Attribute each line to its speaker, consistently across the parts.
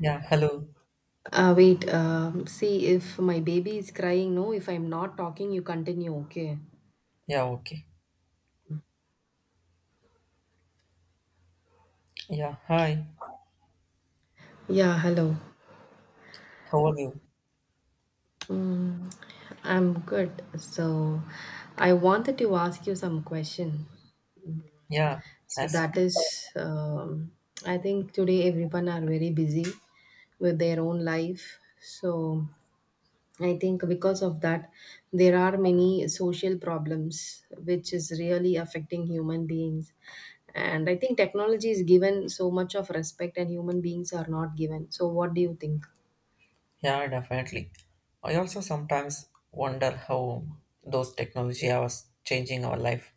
Speaker 1: Yeah, hello.
Speaker 2: See if my baby is crying. No, if I'm not talking, you continue. Okay.
Speaker 1: Yeah, okay. Yeah, hi.
Speaker 2: Yeah, hello.
Speaker 1: How are you?
Speaker 2: Mm, I'm good. I wanted to ask you some question.
Speaker 1: Yeah,
Speaker 2: So
Speaker 1: as
Speaker 2: that is, I think today everyone are very busy with their own life. So I think because of that, there are many social problems which is really affecting human beings. And I think technology is given so much of respect, and human beings are not given. So, what do you think?
Speaker 1: yeah, definitely. I also sometimes wonder how those technology was changing our life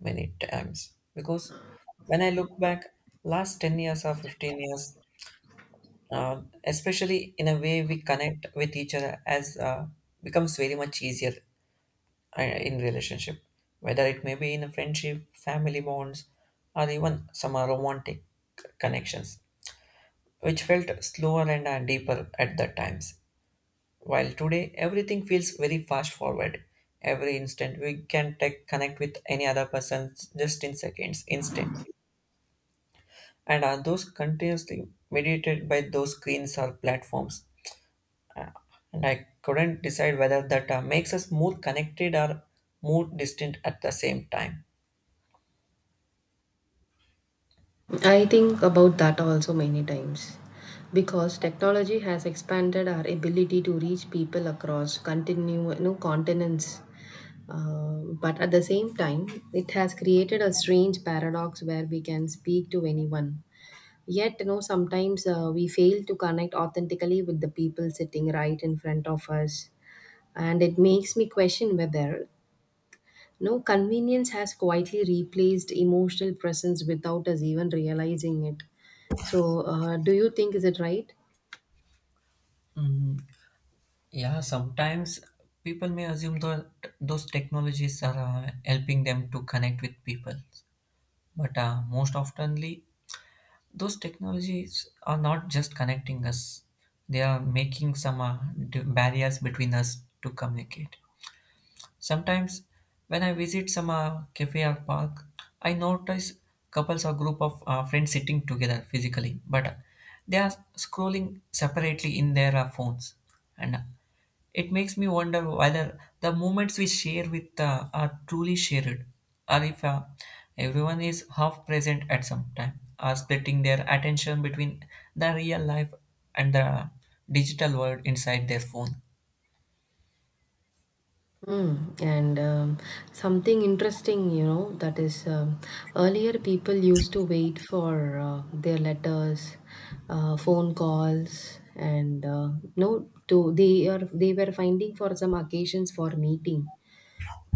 Speaker 1: many times. Because when I look back, last 10 years or 15 years, especially in a way we connect with each other as becomes very much easier in relationship, whether it may be in a friendship, family bonds, or even some romantic connections which felt slower and deeper at the times. While today everything feels very fast forward. Every instant we can tech connect with any other person just in seconds, instantly. And are those continuously mediated by those screens or platforms? Uh, and I couldn't decide whether that makes us more connected or more distant at the same time.
Speaker 2: I think about that also many times because technology has expanded our ability to reach people across continue, no, continents. But at the same time, it has created a strange paradox where we can speak to anyone. Yet, you know, sometimes we fail to connect authentically with the people sitting right in front of us. And it makes me question whether, you know, convenience has quietly replaced emotional presence without us even realizing it. So, do you think is it right?
Speaker 1: Mm, yeah, sometimes people may assume that those technologies are helping them to connect with people. But most oftenly, those technologies are not just connecting us; they are making barriers between us to communicate. Sometimes, when I visit some cafe or park, I notice couples or group of friends sitting together physically, but they are scrolling separately in their phones, and it makes me wonder whether the moments we share with are truly shared, or if everyone is half present at some time, or splitting their attention between the real life and the digital world inside their phone.
Speaker 2: Mm, and something interesting, you know, that is earlier people used to wait for their letters, phone calls, and no, to they are they were finding for some occasions for meeting.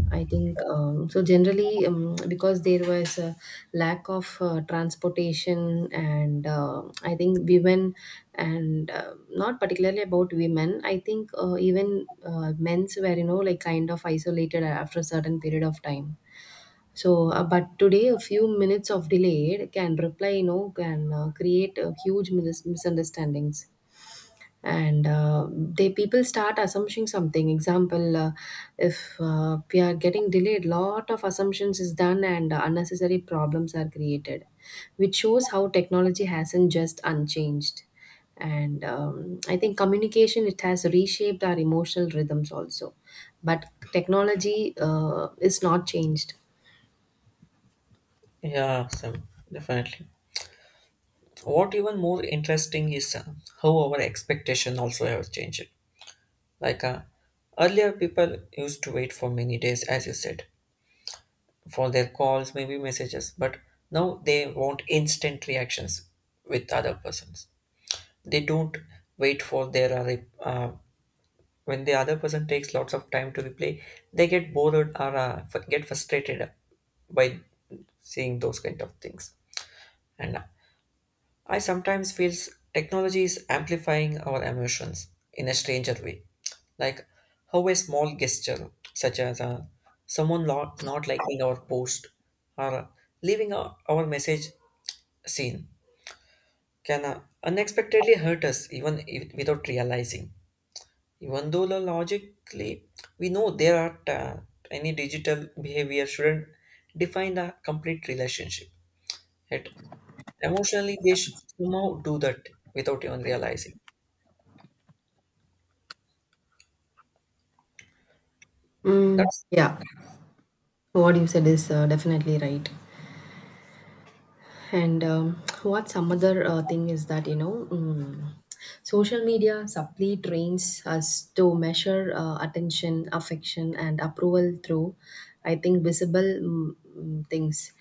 Speaker 2: I think Generally, because there was a lack of transportation, and I think women, and not particularly about women, I think even men's were, you know, like kind of isolated after a certain period of time. So, but today, a few minutes of delay can reply, you know, can create a huge misunderstandings and they people start assuming something example if we are getting delayed, lot of assumptions is done and unnecessary problems are created, which shows how technology hasn't just unchanged. And I think communication, it has reshaped our emotional rhythms also, but technology is not changed.
Speaker 1: Yeah, some definitely. What even more interesting is how our expectation also have changed. Like uh, Earlier, people used to wait for many days, as you said, for their calls, maybe messages. But now they want instant reactions with other persons. They don't wait for when the other person takes lots of time to reply. They get bored or get frustrated by seeing those kind of things. And I sometimes feel technology is amplifying our emotions in a stranger way, like how a small gesture, such as someone not liking our post or leaving our message seen, can unexpectedly hurt us even if, without realizing. Even though logically we know there are any digital behavior shouldn't define a complete relationship, yet emotionally they somehow do that without even realizing. That's
Speaker 2: Yeah. So what you said is definitely right. And what some other thing is that, you know, social media subtly trains us to measure attention, affection, and approval through, I think, visible things.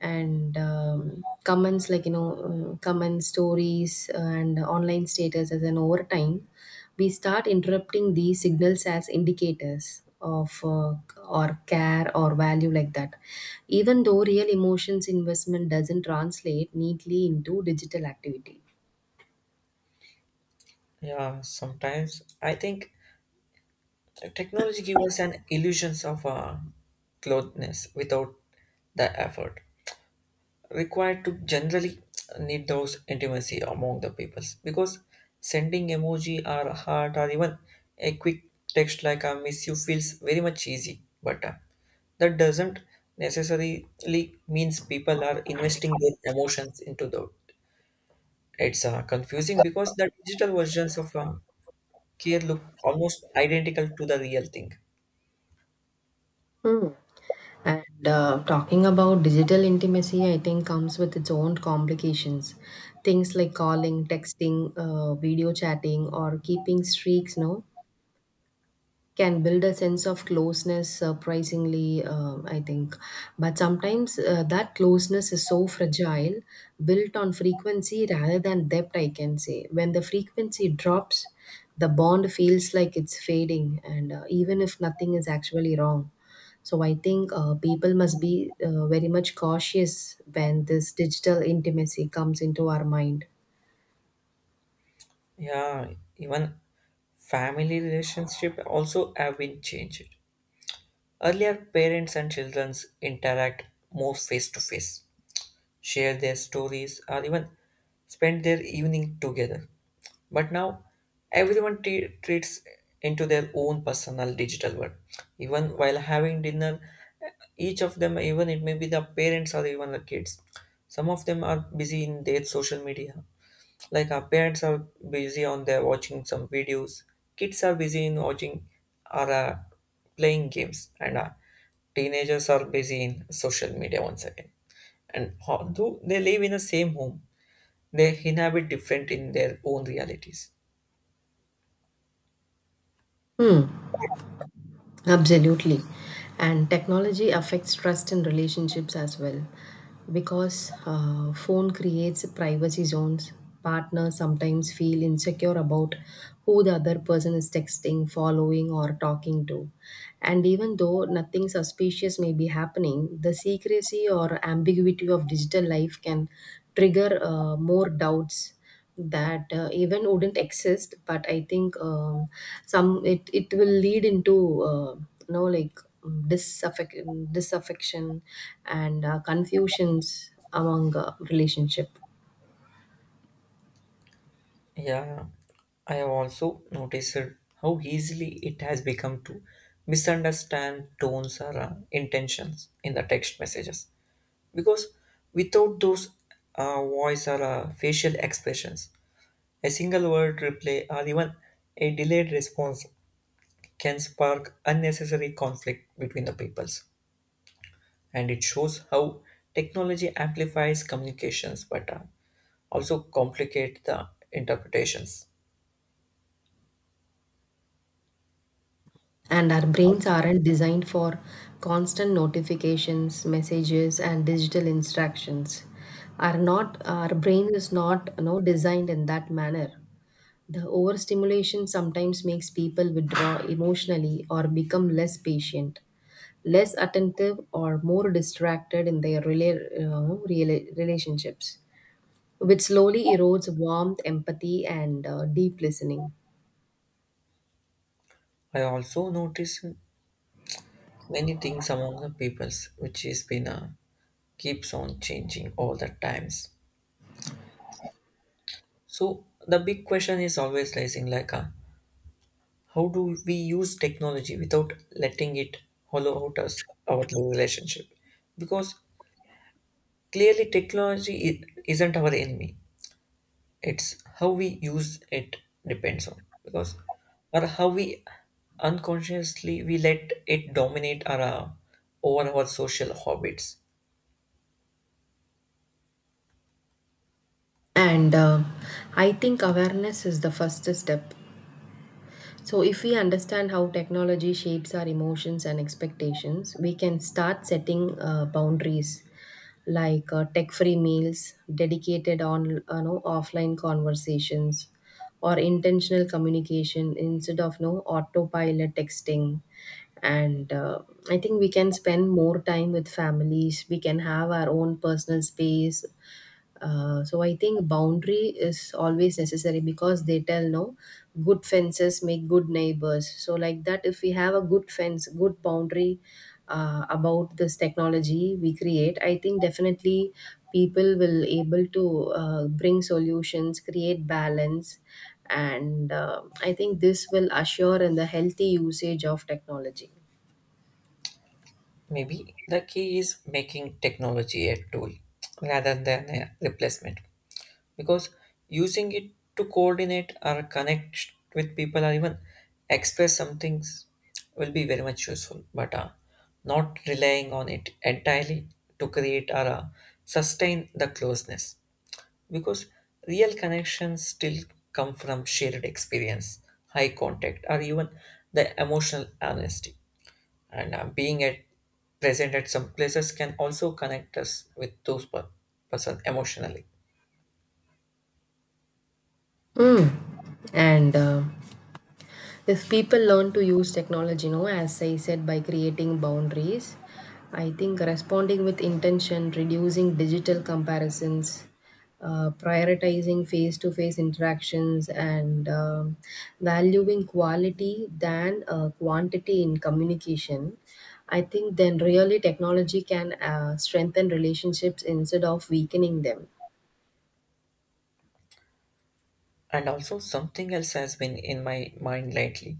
Speaker 2: And comments like, you know, comments, stories, and online status as an over time we start interrupting these signals as indicators of or care or value like that, even though real emotions investment doesn't translate neatly into digital activity.
Speaker 1: Yeah. Sometimes I think technology gives us an illusions of closeness without the effort required to generally need those intimacy among the peoples because sending emoji or heart or even a quick text like "I miss you" feels very much easy, but that doesn't necessarily means people are investing their emotions into the. It's confusing because the digital versions of care look almost identical to the real thing.
Speaker 2: Hmm. And talking about digital intimacy, I think comes with its own complications. Things like calling, texting, video chatting, or keeping streaks, no, can build a sense of closeness surprisingly I think, but sometimes that closeness is so fragile, built on frequency rather than depth, I can say. When the frequency drops, the bond feels like it's fading, and even if nothing is actually wrong. So I think people must be very much cautious when this digital intimacy comes into our mind.
Speaker 1: Yeah, even family relationship also have been changed. Earlier, parents and children interact more face to face, share their stories, or even spend their evening together. But now, everyone treats into their own personal digital world. Even while having dinner, each of them, even it may be the parents or even the kids, some of them are busy in their social media. Like our parents are busy on their watching some videos, kids are busy in watching or playing games, and teenagers are busy in social media once again and although they live in the same home, they inhabit different in their own realities.
Speaker 2: Absolutely. And technology affects trust in relationships as well because phone creates privacy zones. Partners sometimes feel insecure about who the other person is texting, following, or talking to. And even though nothing suspicious may be happening, the secrecy or ambiguity of digital life can trigger more doubts that even wouldn't exist. But I think some it will lead into you know, like disaffection and confusions among relationship.
Speaker 1: Yeah, I have also noticed how easily it has become to misunderstand tones or intentions in the text messages. Because without those voice or facial expressions, a single word reply or even a delayed response can spark unnecessary conflict between the peoples. And it shows how technology amplifies communications but also complicate the interpretations.
Speaker 2: And our brains aren't designed for constant notifications, messages, and digital instructions are not, our brain is not, you know, designed in that manner. The overstimulation sometimes makes people withdraw emotionally or become less patient, less attentive, or more distracted in their relationships, which slowly erodes warmth, empathy, and deep listening.
Speaker 1: I also notice many things among the peoples which is been keeps on changing all the times. So the big question is always raising like how do we use technology without letting it hollow out us our relationship? Because clearly technology isn't our enemy. It's how we use it depends on because or how we unconsciously we let it dominate our over our social habits.
Speaker 2: And I think awareness is the first step. So, if we understand how technology shapes our emotions and expectations, we can start setting boundaries like tech free meals, dedicated on, you know, offline conversations, or intentional communication instead of no autopilot texting. And I think we can spend more time with families, we can have our own personal space. So I think boundary is always necessary because they tell no, good fences make good neighbors. So like that, if we have a good fence, good boundary about this technology we create, I think definitely people will able to bring solutions, create balance, and I think this will assure in the healthy usage of technology.
Speaker 1: Maybe the key is making technology a tool rather than a replacement because using it to coordinate or connect with people or even express some things will be very much useful but not relying on it entirely to create or sustain the closeness because real connections still come from shared experience, high contact, or even the emotional honesty. And being at present at some places can also connect us with those person emotionally.
Speaker 2: Mm. And if people learn to use technology, you know, as I said, by creating boundaries, I think responding with intention, reducing digital comparisons, prioritizing face to face interactions, and valuing quality than quantity in communication. I think then really technology can strengthen relationships instead of weakening them.
Speaker 1: And also something else has been in my mind lately,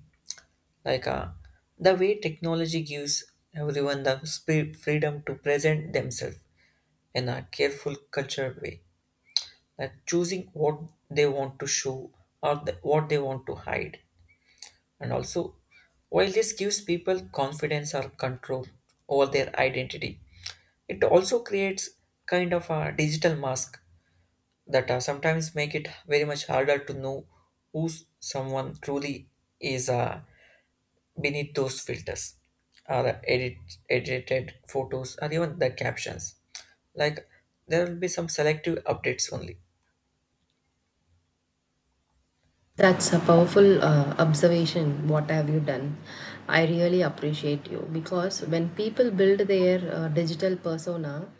Speaker 1: like the way technology gives everyone the freedom to present themselves in a careful, cultured way, like choosing what they want to show or what they want to hide. And also, while this gives people confidence or control over their identity, it also creates kind of a digital mask that sometimes make it very much harder to know who someone truly is beneath those filters or edited photos or even the captions. Like there will be some selective updates only.
Speaker 2: That's a powerful observation. What have you done? I really appreciate you because when people build their digital persona,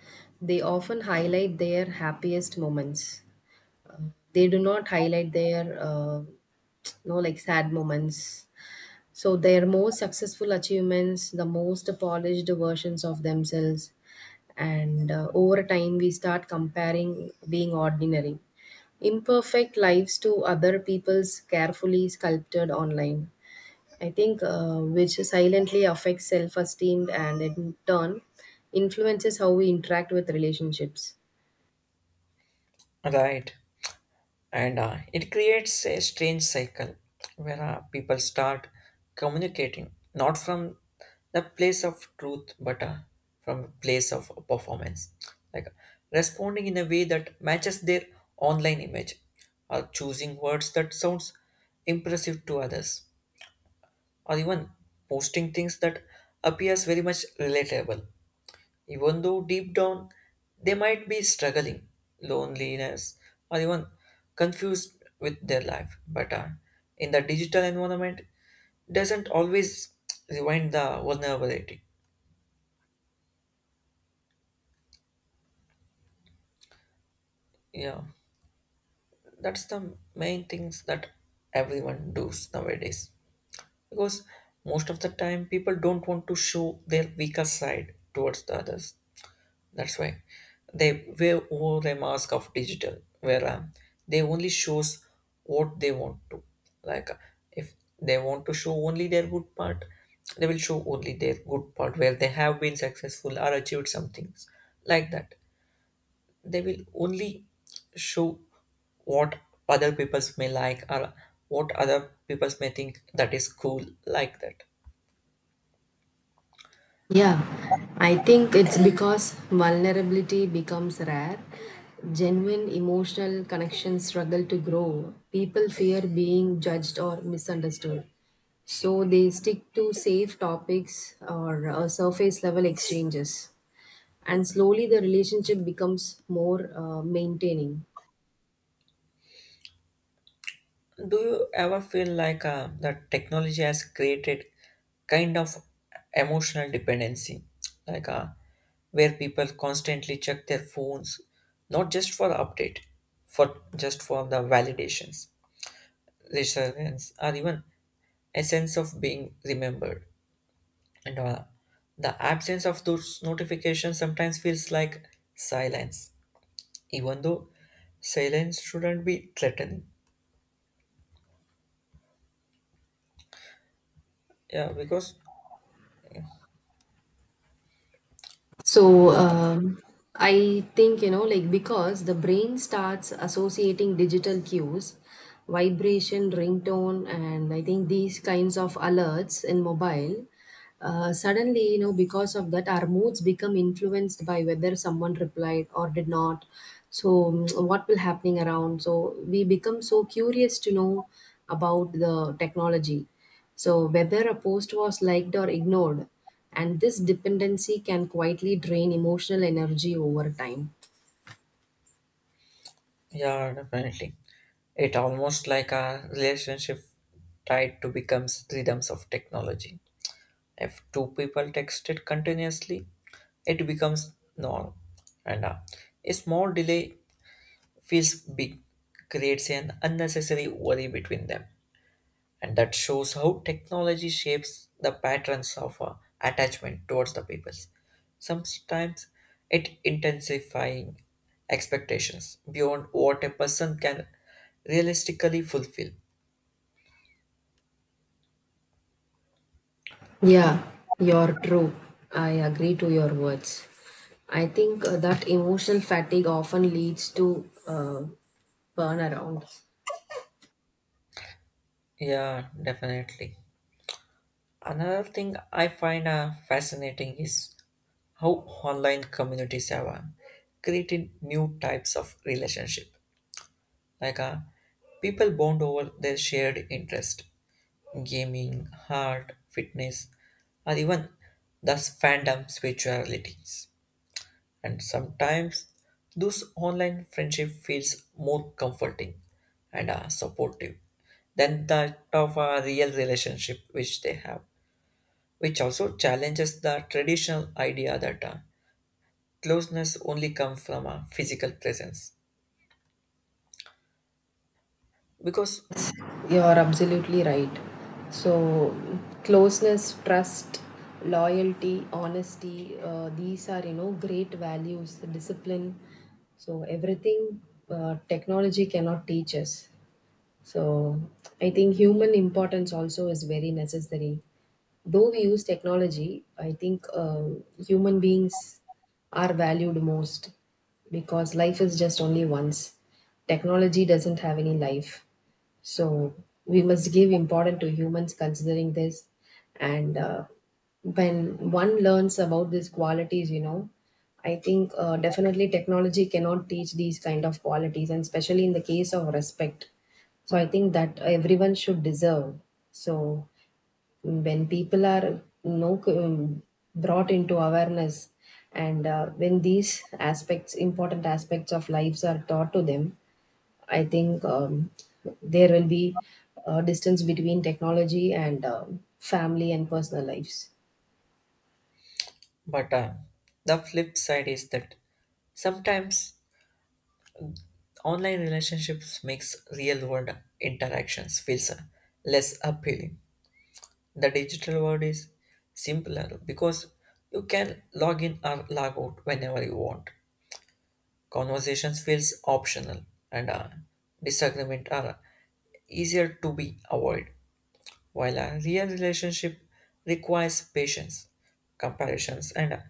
Speaker 2: they often highlight their happiest moments. Uh, they do not highlight their, you know, like sad moments, so their most successful achievements, the most polished versions of themselves, and over time we start comparing being ordinary, imperfect lives to other people's carefully sculpted online. I think which silently affects self-esteem and in turn influences how we interact with relationships.
Speaker 1: Right. And it creates a strange cycle where people start communicating not from the place of truth but from a place of performance like responding in a way that matches their online image or choosing words that sounds impressive to others or even posting things that appears very much relatable even though deep down they might be struggling, loneliness, or even confused with their life. But in the digital environment, doesn't always rewind the vulnerability. Yeah, that's the main things that everyone does nowadays. Because most of the time, people don't want to show their weaker side towards the others. That's why they wear all a mask of digital, where they only shows what they want to. Like uh, if they want to show only their good part, they will show only their good part where they have been successful or achieved some things like that. They will only show what other peoples may like or what other peoples may think that is cool like that.
Speaker 2: Yeah, I think it's because vulnerability becomes rare. Genuine emotional connections struggle to grow. People fear being judged or misunderstood. So they stick to safe topics or surface level exchanges. And slowly the relationship becomes more maintaining.
Speaker 1: Do you ever feel like the technology has created kind of emotional dependency, like uh, where people constantly check their phones, not just for update, for just for the validations, reassurance, or even a sense of being remembered. And the absence of those notifications sometimes feels like silence, even though silence shouldn't be threatening. Yeah, because yeah,
Speaker 2: So,
Speaker 1: most.
Speaker 2: I think, you know, like because the brain starts associating digital cues, vibration, ringtone, and I think these kinds of alerts in mobile, suddenly, you know, because of that, our moods become influenced by whether someone replied or did not. So, what will happening around? So, we become so curious to know about the technology. So, whether a post was liked or ignored, and this dependency can quietly drain emotional energy over time.
Speaker 1: Yeah, definitely. It almost like a relationship tied to becomes rhythms of technology. If two people text it continuously, it becomes normal. And a small delay feels big, creates an unnecessary worry between them and that shows how technology shapes the patterns of attachment towards the people. Sometimes it intensifying expectations beyond what a person can realistically fulfill.
Speaker 2: Yeah, you're true. I agree to your words. I think that emotional fatigue often leads to burnaround.
Speaker 1: Yeah, definitely. Another thing I find fascinating is how online communities have created new types of relationship. Like uh, People bond over their shared interest gaming, art, fitness, or even thus fandom spiritualities. And sometimes those online friendship feels more comforting and supportive than that of a real relationship which they have, which also challenges the traditional idea that closeness only comes from a physical presence. Because,
Speaker 2: Yes, you are absolutely right. So, closeness, trust, loyalty, honesty, these are, you know, great values, discipline. So, everything technology cannot teach us. So, I think human importance also is very necessary. Though we use technology, I think human beings are valued most because life is just only once. Technology doesn't have any life. So we must give importance to humans considering this. And when one learns about these qualities, you know, I think definitely technology cannot teach these kind of qualities, and especially in the case of respect. So I think that everyone should deserve. So when people are no brought into awareness, and when these aspects, important aspects of lives, are taught to them, I think there will be a distance between technology and family and personal lives.
Speaker 1: but the flip side is that sometimes online relationships makes real world interactions feels less appealing. The digital world is simpler because you can log in or log out whenever you want. Conversations feels optional and disagreement are easier to be avoided. While a real relationship requires patience, comparisons, and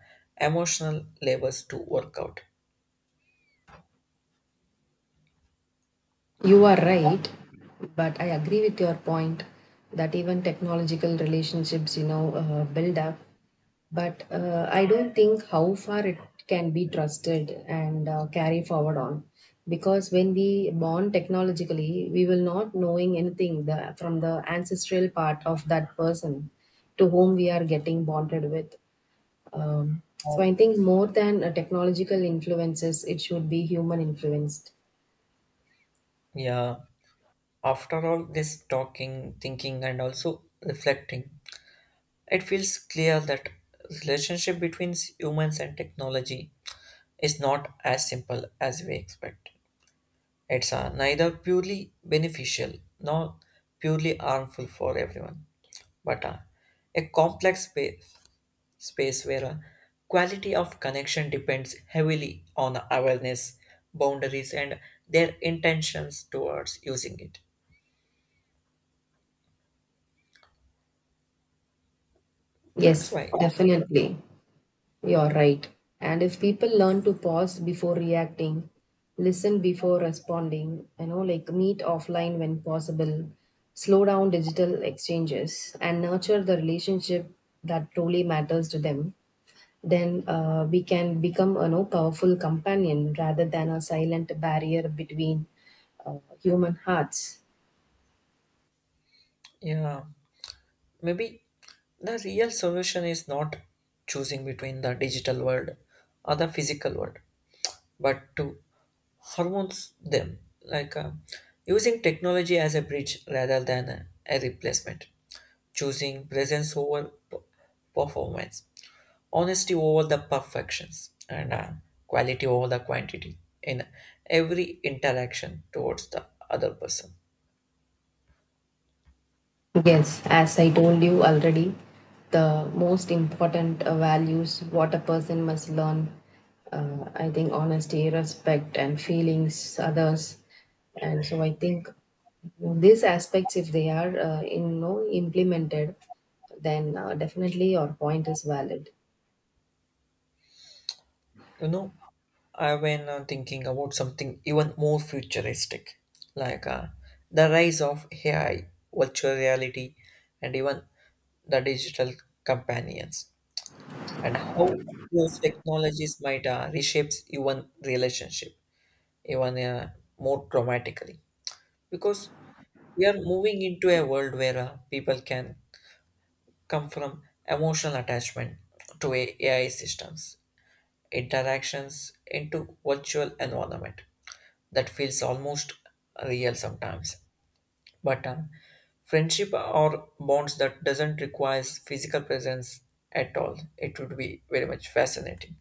Speaker 1: emotional labors to work out.
Speaker 2: You are right, but I agree with your point that even technological relationships, you know, build up. But I don't think how far it can be trusted and carry forward on. Because when we bond technologically, we will not knowing anything from the ancestral part of that person to whom we are getting bonded with. So I think more than technological influences, it should be human influenced.
Speaker 1: Yeah. After all this talking, thinking, and also reflecting, it feels clear that relationship between humans and technology is not as simple as we expect. It's neither purely beneficial nor purely harmful for everyone, but a complex space where quality of connection depends heavily on awareness, boundaries, and their intentions towards using it. That's
Speaker 2: Yes,
Speaker 1: why,
Speaker 2: definitely. You're right. And if people learn to pause before reacting, listen before responding, you know, like meet offline when possible, slow down digital exchanges, and nurture the relationship that truly matters to them, then we can become a, you know, powerful companion rather than a silent barrier between human hearts.
Speaker 1: yeah. Maybe the real solution is not choosing between the digital world or the physical world, but to harmonize them, like using technology as a bridge rather than a replacement, choosing presence over performance, honesty over the perfections, and quality over the quantity in every interaction towards the other person.
Speaker 2: Yes, as I told you already, the most important values what a person must learn, I think honesty, respect, and feelings, others. And so I think these aspects, if they are in no implemented, then definitely your point is valid.
Speaker 1: You know, I've been thinking about something even more futuristic, like the rise of AI, virtual reality, and even the digital companions, and how those technologies might reshape even relationship even more dramatically. Because we are moving into a world where people can come from emotional attachment to AI systems, interactions into virtual environment that feels almost real sometimes but friendship or bonds that doesn't require physical presence at all. It would be very much fascinating.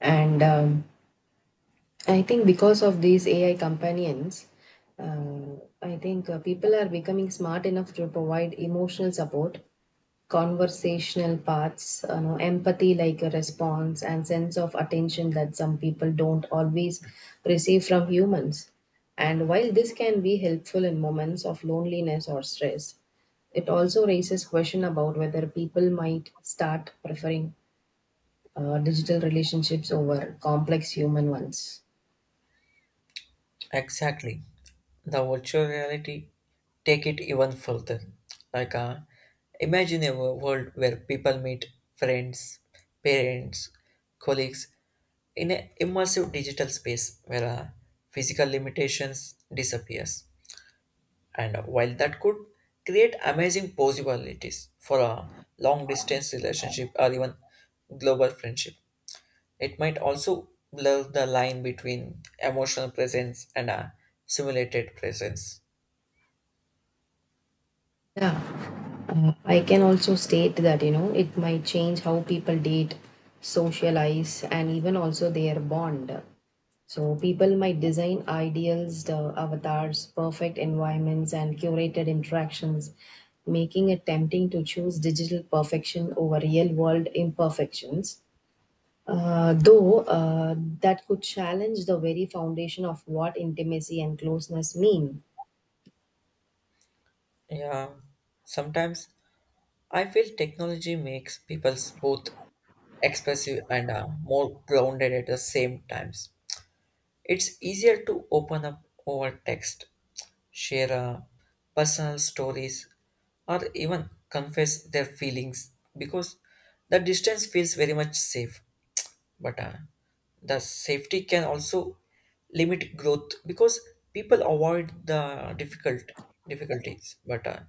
Speaker 2: And I think because of these AI companions, uh, I think people are becoming smart enough to provide emotional support, conversational parts, you know, empathy like a response and sense of attention that some people don't always receive from humans. And while this can be helpful in moments of loneliness or stress, it also raises question about whether people might start preferring digital relationships over complex human ones.
Speaker 1: Exactly, the virtual reality take it even further like imagine a world where people meet friends parents colleagues in an immersive digital space where physical limitations disappears. And while that could create amazing possibilities for a long distance relationship or even global friendship, it might also blur the line between emotional presence and a simulated presence.
Speaker 2: Yeah. I can also state that, you know, it might change how people date, socialize, and even also their bond. So people might design ideals, the avatars, perfect environments, and curated interactions, making it tempting to choose digital perfection over real world imperfections. Though that could challenge the very foundation of what intimacy and closeness mean.
Speaker 1: Yeah, sometimes I feel technology makes people both expressive and more grounded at the same times. It's easier to open up over text, share personal stories, or even confess their feelings because the distance feels very much safe. But the safety can also limit growth because people avoid the difficulties. But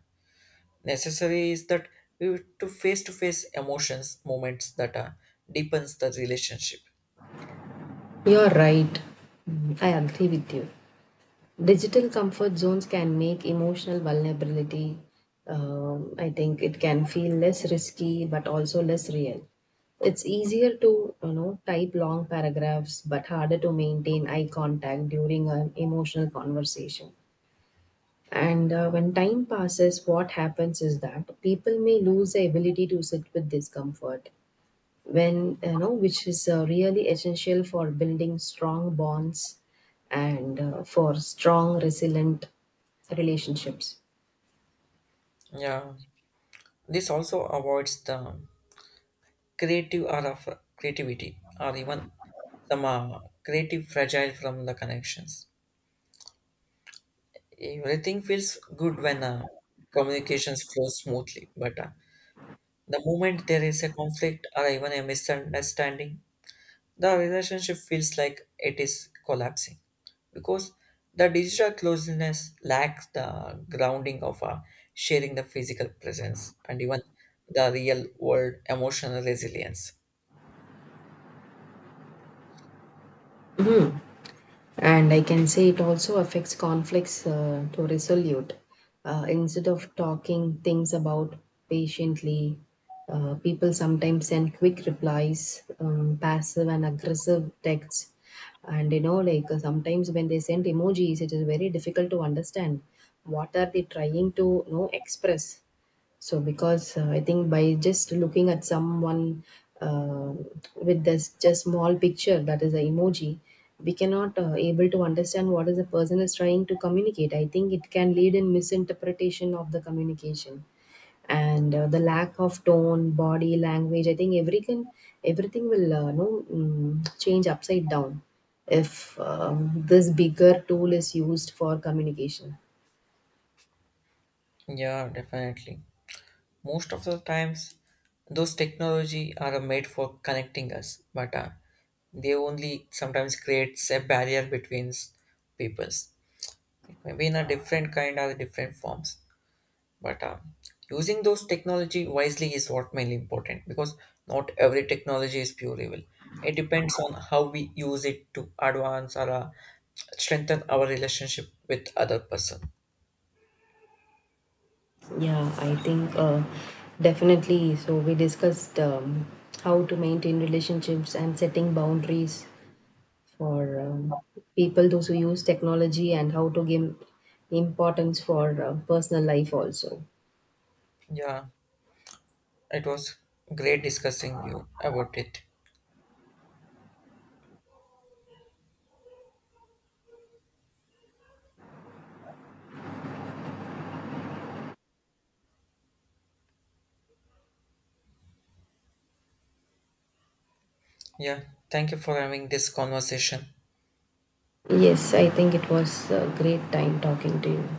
Speaker 1: necessary is that we have to face emotions, moments that deepens the relationship.
Speaker 2: You're right. I agree with you. Digital comfort zones can make emotional vulnerability, I think it can feel less risky but also less real. It's easier to, you know, type long paragraphs but harder to maintain eye contact during an emotional conversation. And when time passes, what happens is that people may lose the ability to sit with discomfort when, you know, which is really essential for building strong bonds and for strong resilient relationships.
Speaker 1: Yeah, this also avoids the creative or of creativity or even some creative fragile from the connections. Everything feels good when communications flow smoothly but the moment there is a conflict or even a misunderstanding the relationship feels like it is collapsing because the digital closeness lacks the grounding of sharing the physical presence and even the real world emotional resilience.
Speaker 2: And I can say it also affects conflicts to resolute. Instead of talking things about patiently, people sometimes send quick replies, passive and aggressive texts. And you know, like sometimes when they send emojis, it is very difficult to understand what are they trying to, you know, express. So, because I think by just looking at someone uh, with this just small picture, that is the emoji, we cannot able to understand what is the person is trying to communicate. I think it can lead in misinterpretation of the communication and the lack of tone, body language. I think everything will no mm, change upside down if this bigger tool is used for communication.
Speaker 1: Yeah, definitely, most of the times those technology are made for connecting us but they only sometimes creates a barrier between peoples. It may be in a different kind or different forms but using those technology wisely is what mainly important because not every technology is pure evil. It depends on how we use it to advance or strengthen our relationship with other person.
Speaker 2: Yeah, I think definitely. So we discussed how to maintain relationships and setting boundaries for people, those who use technology, and how to give importance for personal life also.
Speaker 1: Yeah, it was great discussing you about it. Yeah, thank you for having this conversation.
Speaker 2: Yes, I think it was a great time talking to you.